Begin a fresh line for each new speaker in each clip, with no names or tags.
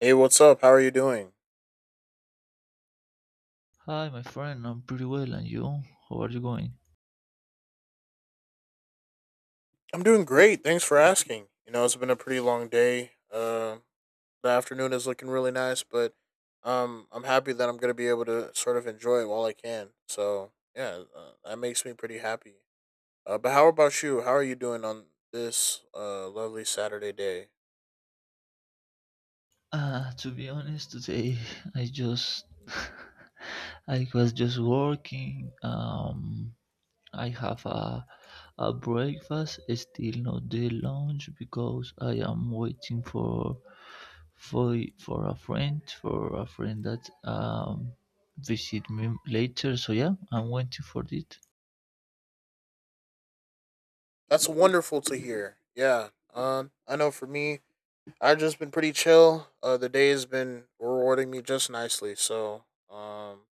Hey, what's up? How are you doing?
Hi, my friend. I'm pretty well, and you? How are you going?
I'm doing great. Thanks for asking. You know, it's been a pretty long day. The afternoon is looking really nice, but I'm happy that I'm gonna be able to sort of enjoy it while I can. So yeah, that makes me pretty happy. But how about you? How are you doing on this lovely Saturday day?
To be honest, today I just I was just working. I have a breakfast, still not the lunch because I am waiting for a friend that visit me later. So yeah, I'm waiting for it.
That's wonderful to hear. Yeah. I know for me, I've just been pretty chill. The day has been rewarding me just nicely. So um,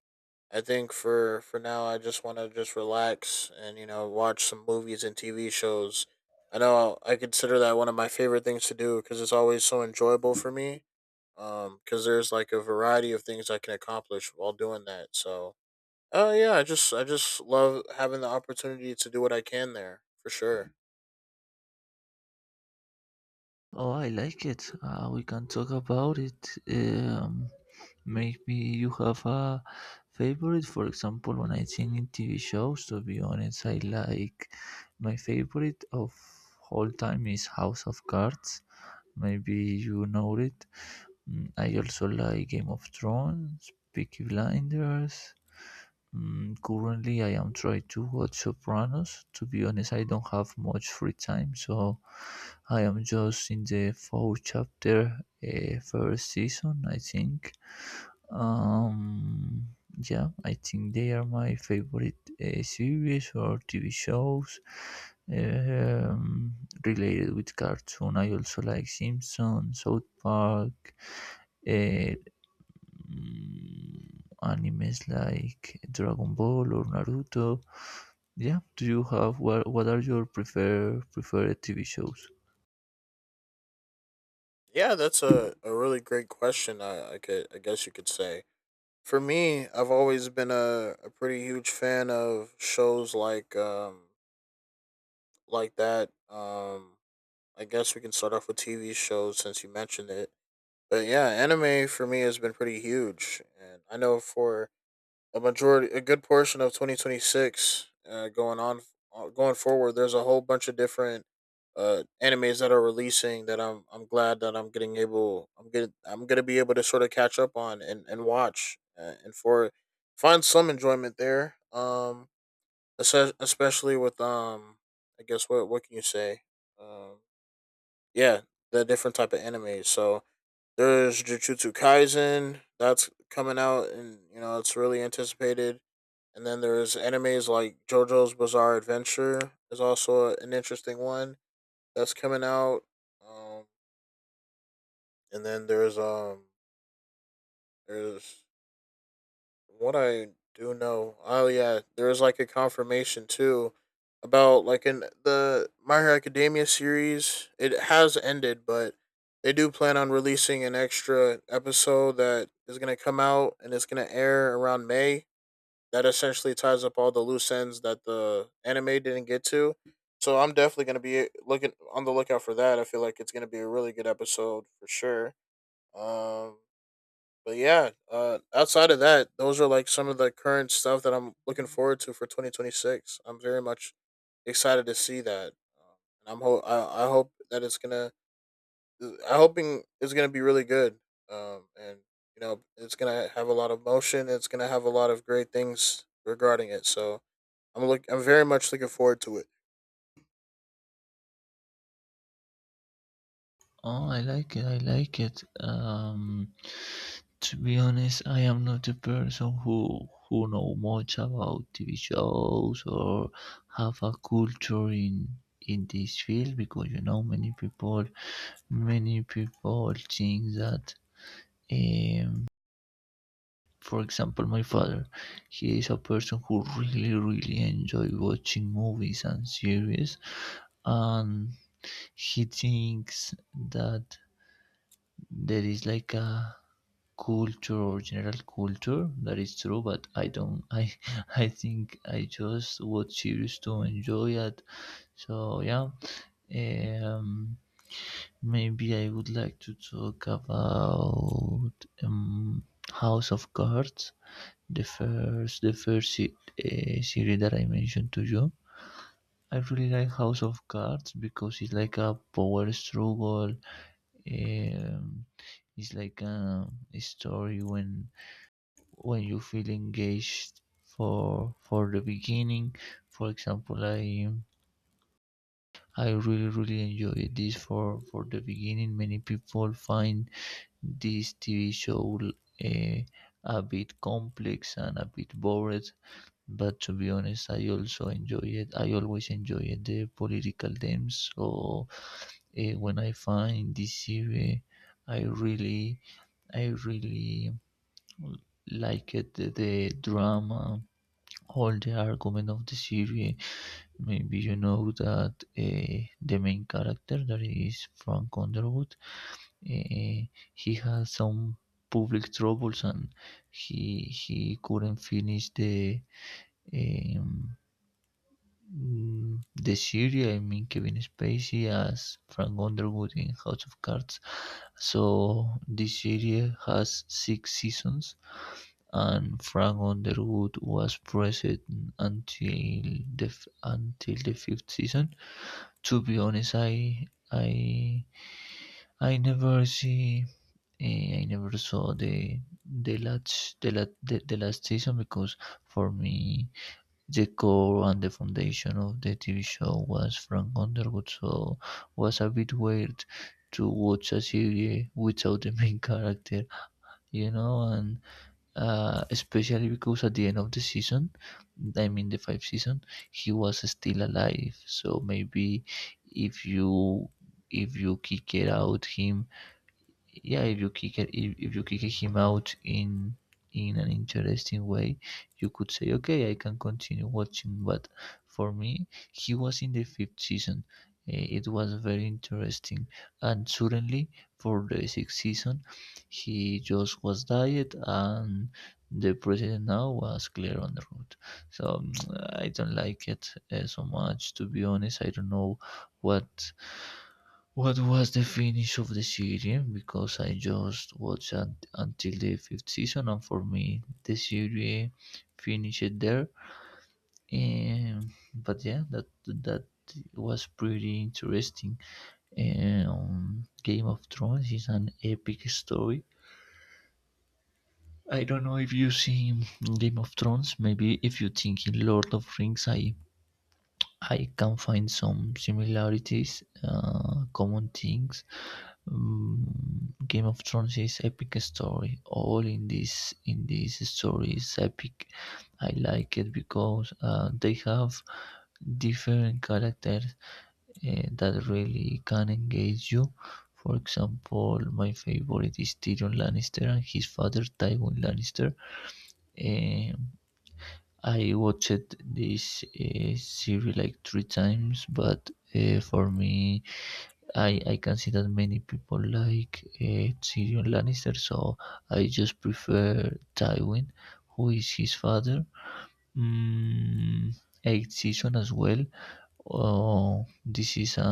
I think for now, I just want to just relax and you know watch some movies and TV shows. I know I consider that one of my favorite things to do because it's always so enjoyable for me. Because there's like a variety of things I can accomplish while doing that. So, oh yeah, I just love having the opportunity to do what I can there for sure.
Oh, I like it. We can talk about it. Maybe you have a favorite. For example, when I think in TV shows, to be honest, I like my favorite of all time is House of Cards. Maybe you know it. I also like Game of Thrones, Peaky Blinders. Currently, I am trying to watch Sopranos. To be honest, I don't have much free time, so I am just in the fourth chapter, first season, I think. Um, yeah, I think they are my favorite series or TV shows, um, related with cartoon. I also like Simpsons, South Park, uh, animes like Dragon Ball or Naruto. Yeah, do you have what? What are your preferred TV shows?
Yeah, that's a really great question. I guess you could say. For me, I've always been a pretty huge fan of shows like that. I guess we can start off with TV shows since you mentioned it. But yeah, anime for me has been pretty huge, and I know for a good portion of 2026, going forward, there's a whole bunch of different animes that are releasing that I'm glad that I'm getting able I'm get I'm gonna be able to sort of catch up on and watch and for find some enjoyment there. Es- especially with I guess what can you say um yeah The different type of anime. So there's Jujutsu Kaisen that's coming out, and you know, it's really anticipated. And then there's animes like Jojo's Bizarre Adventure is also an interesting one that's coming out. Um and then there's What I Do know, oh yeah, there was like a confirmation too about like in the My Hero Academia series. It has ended, but they do plan on releasing an extra episode that is going to come out, and it's going to air around May. That essentially ties up all the loose ends that the anime didn't get to. So I'm definitely going to be looking on the lookout for that. I feel like it's going to be a really good episode for sure. Um, Outside of that, those are like some of the current stuff that I'm looking forward to for 2026. I'm very much excited to see that, um, and I hope that it's gonna. I hoping it's gonna be really good, and you know it's gonna have a lot of motion. It's gonna have a lot of great things regarding it. So I'm very much looking forward to it.
Oh, I like it. I like it. To be honest, I am not a person who know much about TV shows or have a culture in this field, because you know many people think that. Um, for example, my father, he is a person who really enjoy watching movies and series, and he thinks that there is like a culture or general culture, that is true. But I don't I I think I just watch series to enjoy it. So yeah. um Maybe I would like to talk about um, House of Cards, the first series that I mentioned to you. I really like House of Cards because it's like a power struggle. Um, it's like a story when you feel engaged for the beginning. For example, I really enjoyed this for the beginning. Many people find this TV show uh, a bit complex and a bit bored. But to be honest, I also enjoy it. I always enjoy it, the political games. So, when I find this series, I really, I really like it. The drama, all the argument of the series. Maybe you know that the main character, that is Frank Underwood, uh, he has some public troubles, and he couldn't finish the um, the series. I mean Kevin Spacey as Frank Underwood in House of Cards. So this series has six seasons, and Frank Underwood was present until the fifth season. To be honest, I never see I never saw the last season, because for me the core and the foundation of the TV show was Frank Underwood, so it was a bit weird to watch a series without the main character, and especially because at the end of the season, I mean the fifth season, he was still alive. So maybe if you if you kick it out him. Yeah, if you kick him out in an interesting way, you could say, okay, I can continue watching. But for me, he was in the fifth season. It was very interesting, and suddenly for the sixth season, he just was died, and the president now was clear on the road. So, I don't like it so much. To be honest, I don't know what what was the finish of the series? Because I just watched until the fifth season, and for me, the series finished there. But yeah, that was pretty interesting. Game of Thrones is an epic story. I don't know if you see Game of Thrones. Maybe if you think in Lord of Rings, I can find some similarities, common things. Game of Thrones is epic story. All in this story is epic. I like it because they have different characters that really can engage you. For example, my favorite is Tyrion Lannister and his father Tywin Lannister. Um, I watched this series like three times, but for me, I can see that many people like Tyrion Lannister, so I just prefer Tywin, who is his father. Mm, Eighth season as well. Oh, this is a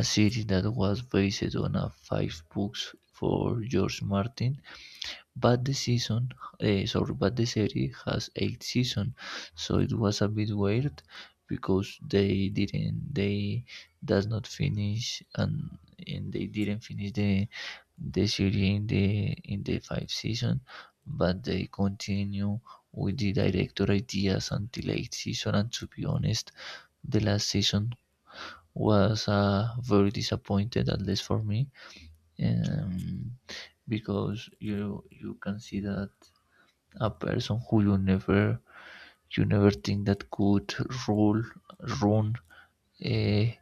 a series that was based on a five books for George Martin, but sorry, but the series has eight seasons, so it was a bit weird because they does not finish, and they didn't finish the series in the five season, but they continue with the director ideas until eight season. And to be honest, the last season was very disappointed, at least for me, um, because you can see that a person who you never think that could rule run, eh,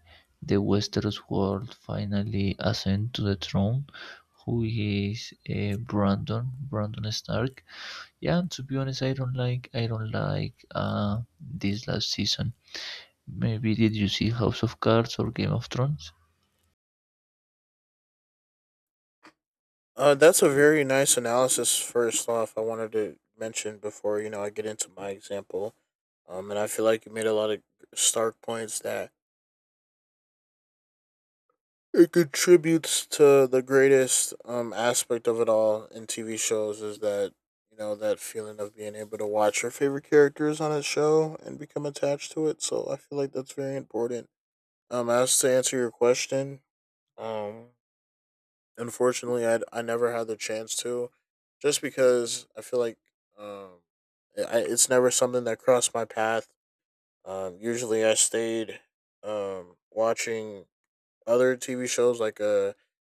the Westeros world finally ascend to the throne, who is Brandon Stark. Yeah, and to be honest, I don't like this last season. Maybe did you see House of Cards or Game of Thrones?
That's a very nice analysis. First off, I wanted to mention before you know I get into my example. And I feel like you made a lot of stark points that it contributes to the greatest aspect of it all in TV shows is that you know that feeling of being able to watch your favorite characters on a show and become attached to it. So I feel like that's very important. As to answer your question, um, unfortunately, I never had the chance to, just because I feel like um, I, it's never something that crossed my path. Usually, I stayed watching other TV shows like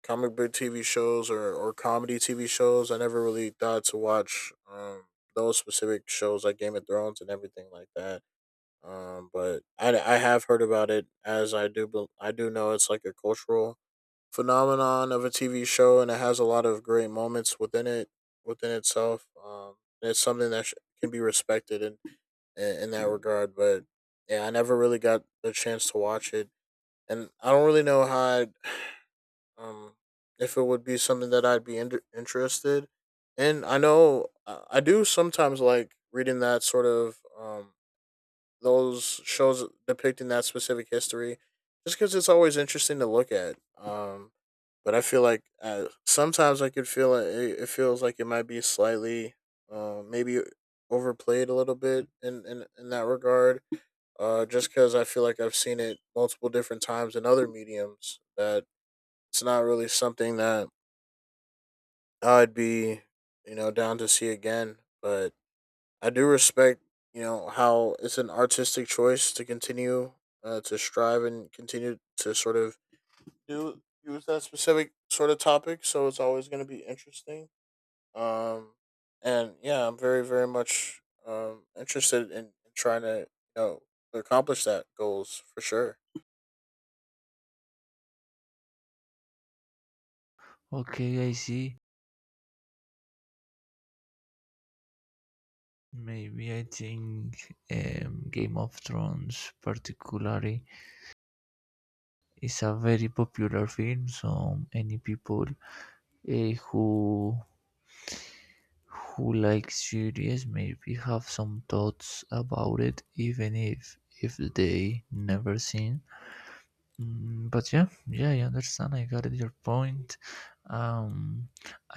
comic book TV shows or comedy TV shows. I never really thought to watch those specific shows like Game of Thrones and everything like that. But I have heard about it, as I do know it's like a cultural phenomenon of a TV show, and it has a lot of great moments within it within itself. And it's something that sh- Can be respected and in that regard. But yeah, I never really got the chance to watch it, and I don't really know how I'd, um if it would be something that interested. And I know I do sometimes like reading that sort of those shows depicting that specific history, just because it's always interesting to look at. But I feel like sometimes I could feel it. It feels like it might be slightly, maybe overplayed a little bit in that regard, just because I feel like I've seen it multiple different times in other mediums, that it's not really something that I'd be, you know, down to see again. But I do respect, you know, how it's an artistic choice to continue to strive and continue to sort of do use that specific sort of topic. So it's always going to be interesting. Um, and yeah, I'm very, very much interested in trying to, you know, accomplish that goals for sure.
Okay, I see. Maybe I think Game of Thrones particularly, it's a very popular film, so any people, eh, who who like series, maybe have some thoughts about it, even if they never seen. But yeah, yeah, I understand. I got your point. Um,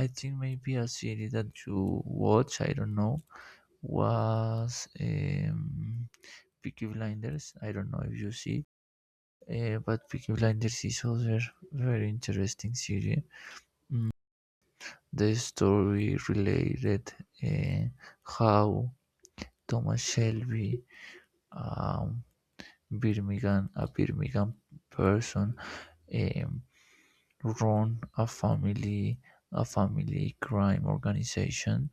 I think maybe a series that you watch, I don't know, was Peaky Blinders. I don't know if you see, but Peaky Blinders is also very interesting series. The story related uh, how Thomas Shelby, um, a Birmingham person, um, run a family crime organization.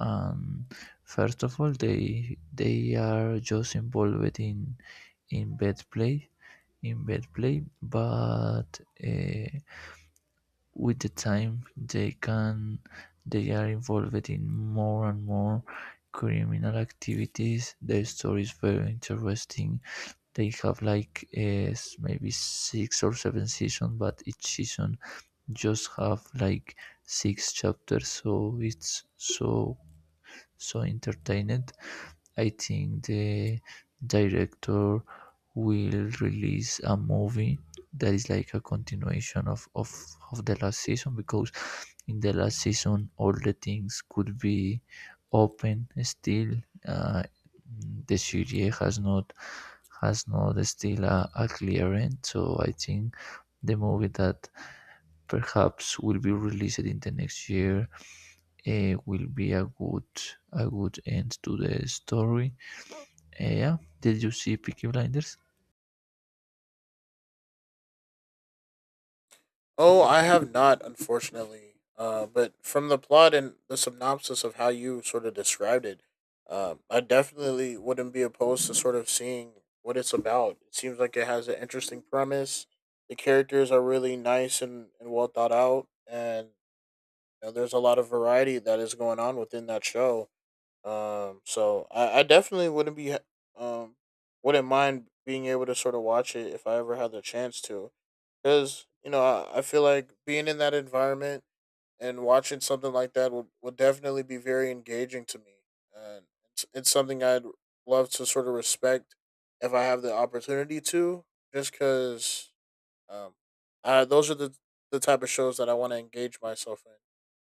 And first of all, they are just involved in bad play in bad play, but. Uh, with the time they are involved in more and more criminal activities. Their story is very interesting. They have, like, maybe six or seven seasons, but each season just have, like, six chapters, so it's so entertained. I think the director will release a movie that is like a continuation of the last season, because in the last season all the things could be open still. Uh, the series has not still a clear end, so I think the movie that perhaps will be released in the next year will be a good end to the story. Yeah, did you see Peaky Blinders?
Oh, I have not, unfortunately. But from the plot and the synopsis of how you sort of described it, I definitely wouldn't be opposed to sort of seeing what it's about. It seems like it has an interesting premise. The characters are really nice and well thought out, and you know, there's a lot of variety that is going on within that show. So I definitely um wouldn't mind being able to sort of watch it if I ever had the chance to, because you know I feel like being in that environment and watching something like that would definitely be very engaging to me, and it's something I'd love to sort of respect if I have the opportunity to, just because um, those are the type of shows that I want to engage myself in.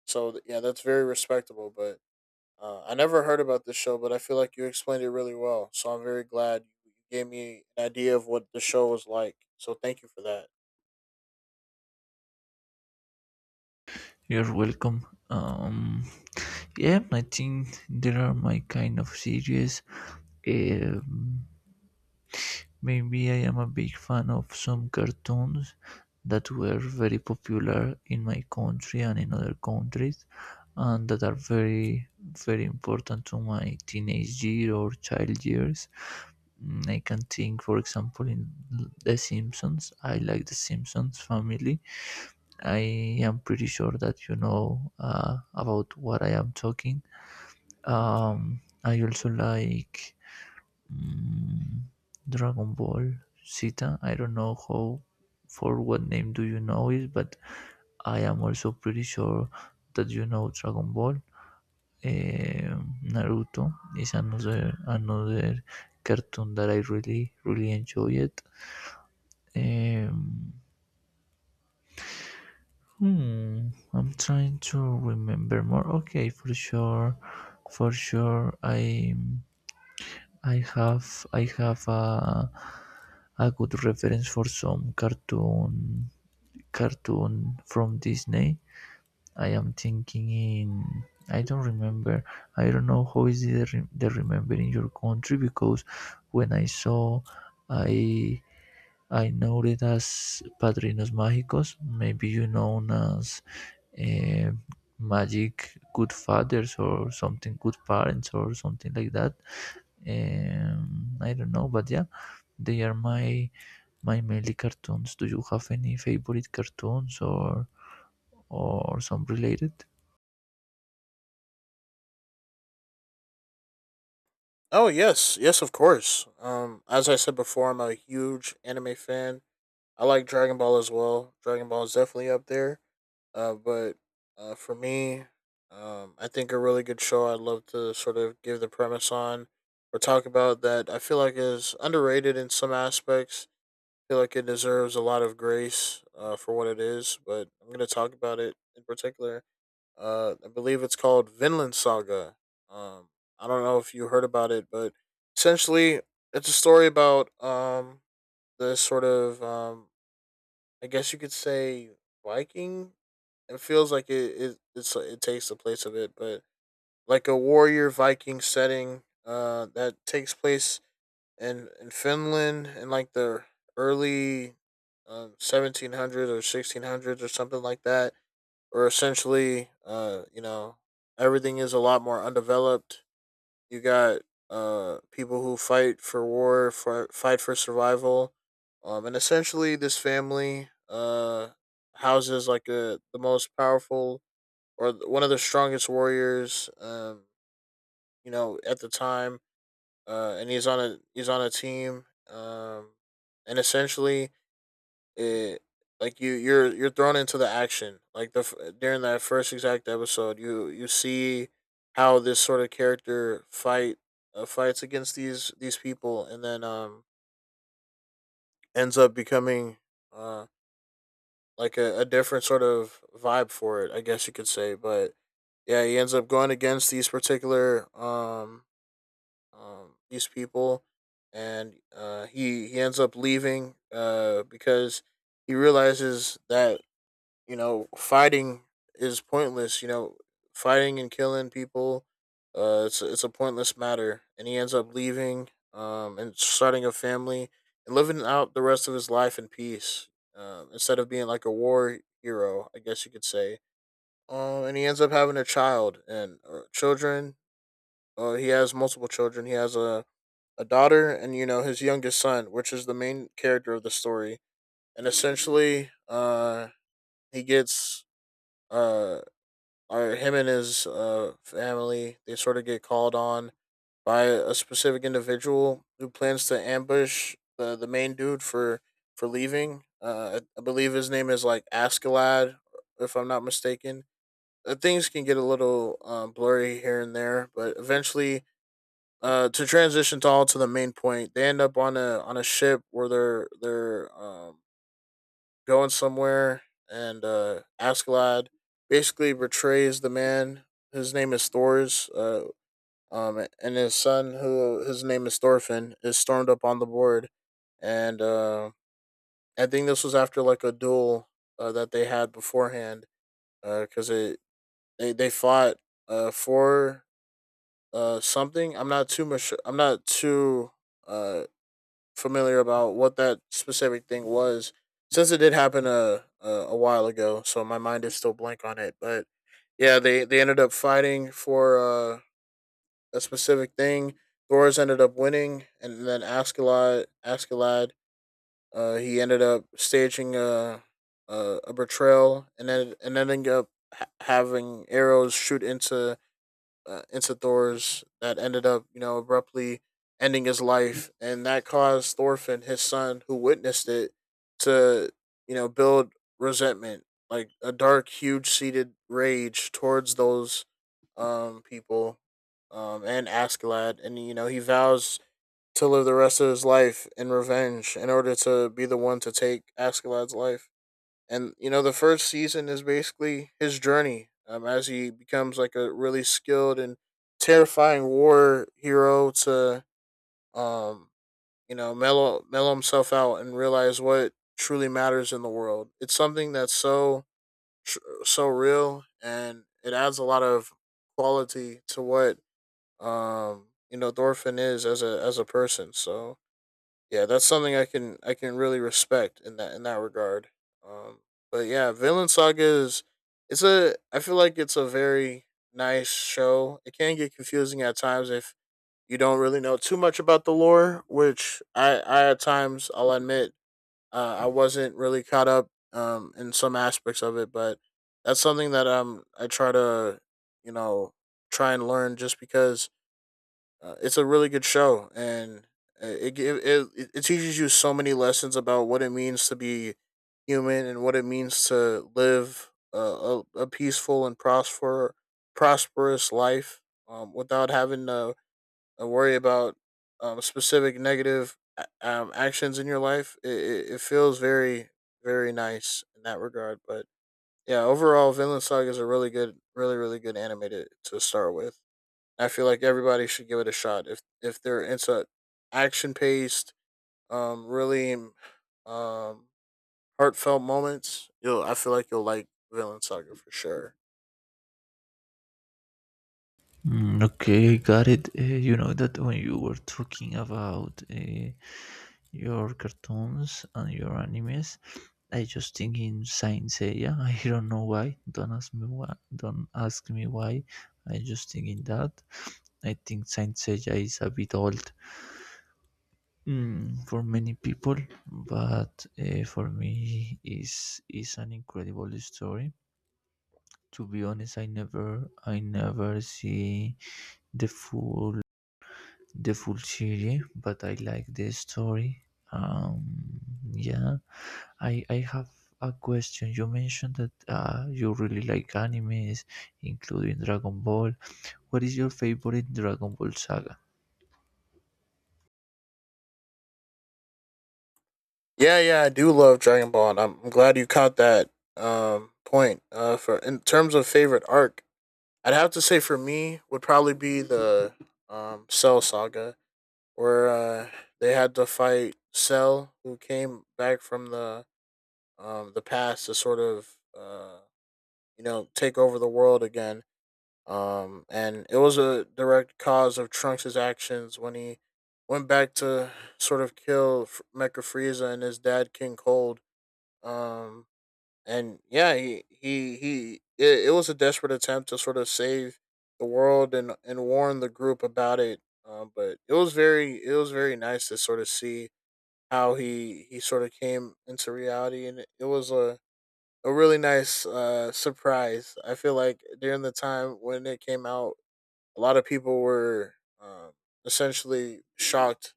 So yeah, that's very respectable, but I never heard about this show, but I feel like you explained it really well. So I'm very glad you gave me an idea of what the show was like. So thank you for that.
You're welcome. Yeah, I think there are my kind of series. um, Maybe I am a big fan of some cartoons that were very popular in my country and in other countries, and that are very important to my teenage year or child years. I can think, for example, in the Simpsons. I like the Simpsons family. I am pretty sure that you know about what I am talking. I also like mm, Dragon Ball Zeta. I don't know how, for what name do you know it, but I am also pretty sure that you know Dragon Ball. Naruto is another cartoon that I really enjoy it. Um, I'm trying to remember more. Okay, for sure, for sure. I have I have a good reference for some cartoon from Disney. I am thinking in. I don't remember. I don't know how is the remember in your country, because when I saw, I I know it as Padrinos Mágicos. Maybe you know as uh, magic good fathers or something, good parents or something like that. I don't know, but yeah, they are my mainly cartoons. Do you have any favorite cartoons or some related?
Oh yes, yes, of course. As I said before, I'm a huge anime fan. I like Dragon Ball as well. Dragon Ball is definitely up there. But For me, I think a really good show I'd love to sort of give the premise on or talk about that I feel like is underrated in some aspects, feel like it deserves a lot of grace for what it is, but I'm going to talk about it in particular. I believe it's called Vinland Saga. Um, I don't know if you heard about it, but essentially, it's a story about this sort of, I guess you could say, Viking. It feels like it takes the place of it, but like a warrior Viking setting that takes place in Finland in like the early 1700s or 1600s or something like that. Or essentially, you know, everything is a lot more undeveloped. You got people who fight for war, for fight for survival, and essentially, this family houses like a the most powerful or one of the strongest warriors, you know, at the time, and he's on a team, and essentially, it, like you're thrown into the action. Like the During that first exact episode, you see how this sort of character fight fights against these people, and then ends up becoming uh, like a different sort of vibe for it, I guess you could say. But yeah, he ends up going against these particular these people, and he ends up leaving because he realizes that you know fighting is pointless. You know, fighting and killing people, it's a pointless matter, and he ends up leaving and starting a family and living out the rest of his life in peace, instead of being like a war hero, I guess you could say. And he ends up having a child and or children. He has multiple children. He has a daughter, and you know his youngest son, which is the main character of the story. And essentially, he gets uh, or him and his family, they sort of get called on by a specific individual who plans to ambush the main dude for leaving. I believe his name is like Askeladd, if I'm not mistaken. Things can get a little blurry here and there, but eventually to transition to the main point, they end up on a ship where they're going somewhere, and Askeladd basically betrays the man. His name is Thor's, and his son, who his name is Thorfinn, is stormed up on the board. And I think this was after like a duel that they had beforehand, because cuz they fought for something. I'm not too uh familiar about what that specific thing was, since it did happen a while ago. So my mind is still blank on it. But yeah, they ended up fighting for a specific thing. Thor's ended up winning, and then Askeladd he ended up staging a, a betrayal, and then and ending up having arrows shoot into Incithors, that ended up, you know, abruptly ending his life. And that caused Thorfinn, his son, who witnessed it, to you know build resentment, like a dark, huge seated rage towards those people, and Askeladd. And you know, he vows to live the rest of his life in revenge in order to be the one to take Askeladd's life. And you know, the first season is basically his journey, as he becomes like a really skilled and terrifying war hero, to um you know, mellow himself out and realize what truly matters in the world. It's something that's so so real, and it adds a lot of quality to what you know thorfinn is as a person. So yeah, that's something I can really respect in that regard. Um, but yeah, Villain Saga is, it's a, I feel like it's a very nice show. It can get confusing at times if you don't really know too much about the lore, which I at times I'll admit, I wasn't really caught up in some aspects of it. But that's something that I try to, you know, try and learn, just because it's a really good show. And it, gi- it teaches you so many lessons about what it means to be human, and what it means to live a peaceful and prosperous life, without having to worry about specific negative actions in your life. It feels very very nice in that regard. But yeah, overall, Vinland Saga is a really good, really, really good animated to start with. I feel like everybody should give it a shot if they're into action paced, really um heartfelt moments. You'll I feel like you'll like Villain Saga for sure.
Okay, got it. You know that when you were talking about your cartoons and your animes, I just think in science, Seiya. I don't know why. Don't ask me why. Don't ask me why. I just think in that. I think science, Seiya is a bit old, for many people, but for me, is an incredible story. To be honest, I never see the full the full series, but I like the story. Um, yeah, I have a question. You mentioned that you really like animes, including Dragon Ball. What is your favorite Dragon Ball saga?
Yeah, yeah, I do love Dragon Ball, and I'm glad you caught that point. For in terms of favorite arc, I'd have to say for me would probably be the Cell Saga, where they had to fight Cell, who came back from the past to sort of you know, take over the world again. And it was a direct cause of Trunks' actions when he went back to sort of kill Mecha Frieza and his dad King Cold. Um, and yeah, he. It, it was a desperate attempt to sort of save the world and warn the group about it. But it was very, it was very nice to sort of see how he sort of came into reality, and it was a really nice surprise. I feel like during the time when it came out, a lot of people were um, essentially shocked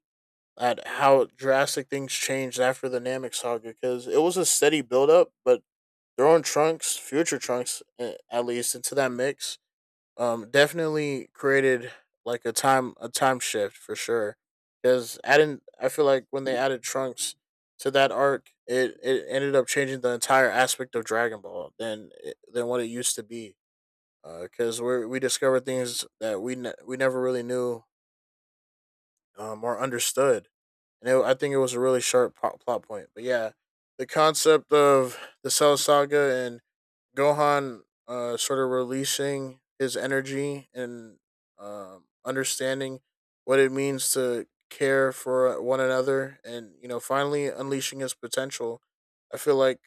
at how drastic things changed after the Namek saga, because it was a steady build up. But throwing Trunks, future Trunks, at least, into that mix definitely created like a time shift, for sure. Because adding, I feel like when they added trunks to that arc, it ended up changing the entire aspect of dragon ball than than what it used to be. Because we discovered things that we we never really knew, or understood. And it, I think it was a really sharp plot point. But yeah, the concept of the cell saga and Gohan sort of releasing his energy and understanding what it means to care for one another, and you know finally unleashing his potential. I feel like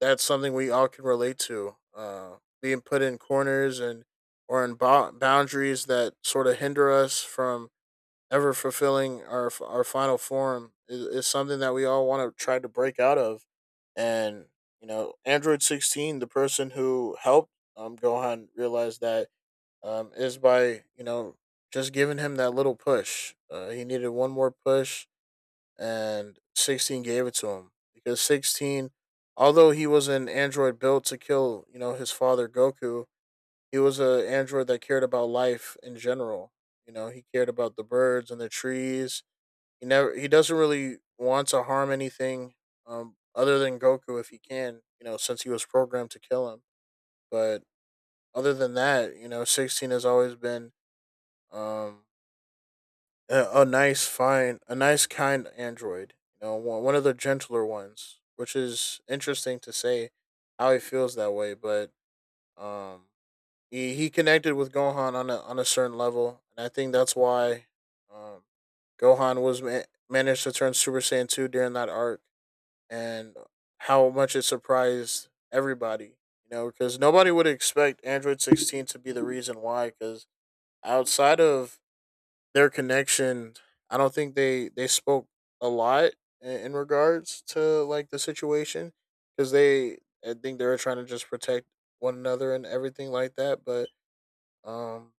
that's something we all can relate to. Being put in corners, and or in boundaries that sort of hinder us from ever fulfilling our final form, is something that we all want to try to break out of. And you know, Android 16, the person who helped Gohan realize that is by you know just giving him that little push. He needed one more push, and 16 gave it to him. Because 16, although he was an android built to kill you know his father Goku, he was an android that cared about life in general. You know, he cared about the birds and the trees. He never, he doesn't really want to harm anything other than Goku if he can, you know, since he was programmed to kill him. But other than that, you know, 16 has always been um a nice fine, a nice kind android, you know, one, one of the gentler ones, which is interesting to say how he feels that way. But um he connected with Gohan on a certain level, and I think that's why um, Gohan was managed to turn Super Saiyan two during that arc. And how much it surprised everybody. You know, because nobody would expect Android 16 to be the reason why. Because outside of their connection, I don't think they spoke a lot in regards to like the situation. Because they, I think they were trying to just protect one another and everything like that. But um,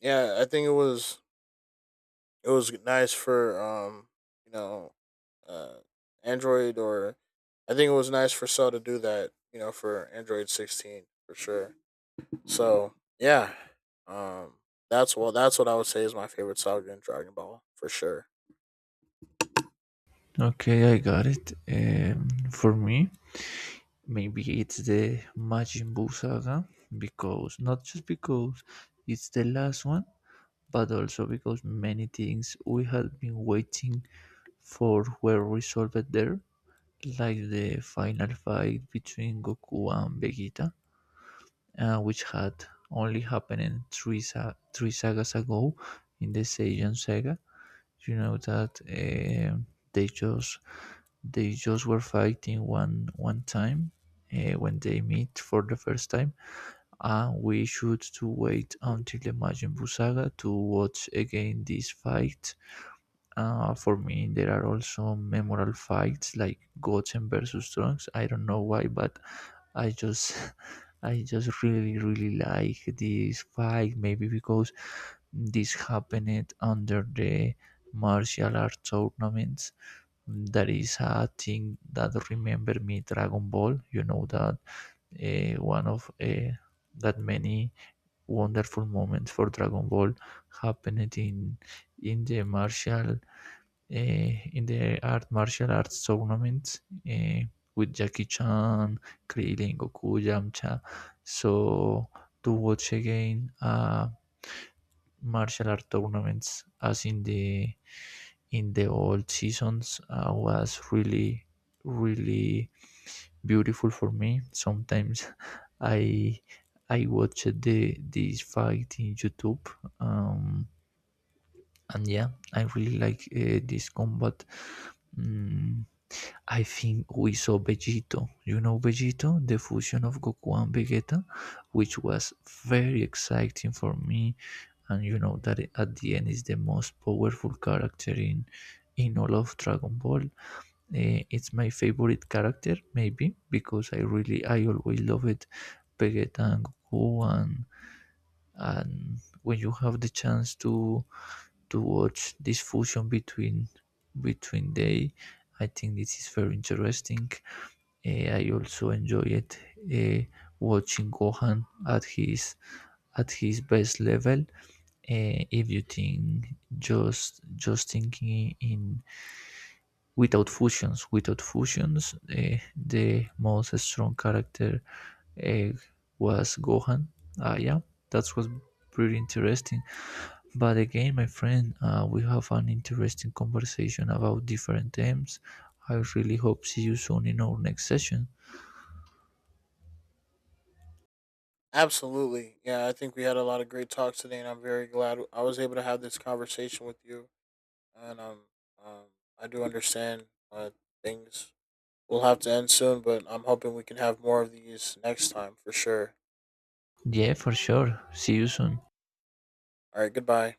yeah, I think it was, it was nice for you know uh android or I think it was nice for cell to do that, you know, for android 16 for sure. So yeah, um that's what, that's what I would say is my favorite saga in dragon ball for sure.
Okay, I got it. For me, maybe it's the Majin Buu saga, because not just because it's the last one, but also because many things we had been waiting for were resolved there. Like the final fight between Goku and Vegeta, which had only happened three sagas ago, in the Saiyan saga. You know that, they just they just were fighting one time, when they meet for the first time, and we should to wait until the Majin Buu saga to watch again this fight. For me, there are also memorable fights, like Goten versus Trunks. I don't know why, but I just, I just really, really like this fight. Maybe because this happened under the martial art tournaments. That is a thing that remember me Dragon Ball. You know that one of that many wonderful moments for Dragon Ball happened in the martial uh, in the art martial arts tournament, uh, with Jackie Chan, Krillin, Goku, Yamcha. So to watch again martial art tournaments, as in the old seasons, was really beautiful for me. Sometimes, I I watched the this fight in YouTube. Um, and yeah, I really like this combat. Mm, I think we saw Vegito. You know Vegito, the fusion of Goku and Vegeta, which was very exciting for me. And you know that at the end is the most powerful character in all of Dragon Ball. It's my favorite character, maybe because I always loved Vegeta and Goku, and when you have the chance to watch this fusion between they, I think this is very interesting. I also enjoyed eh, watching Gohan at his best level. If you think, just thinking in without fusions, the most strong character, eh, was Gohan. Ah, yeah, that was pretty interesting. But again, my friend, we have an interesting conversation about different themes. I really hope see you soon in our next session.
Absolutely, yeah, I think we had a lot of great talks today, and I'm very glad I was able to have this conversation with you. And um I do understand uh things will have to end soon, but I'm hoping we can have more of these next time for sure.
Yeah, for sure, see you soon.
All right, goodbye.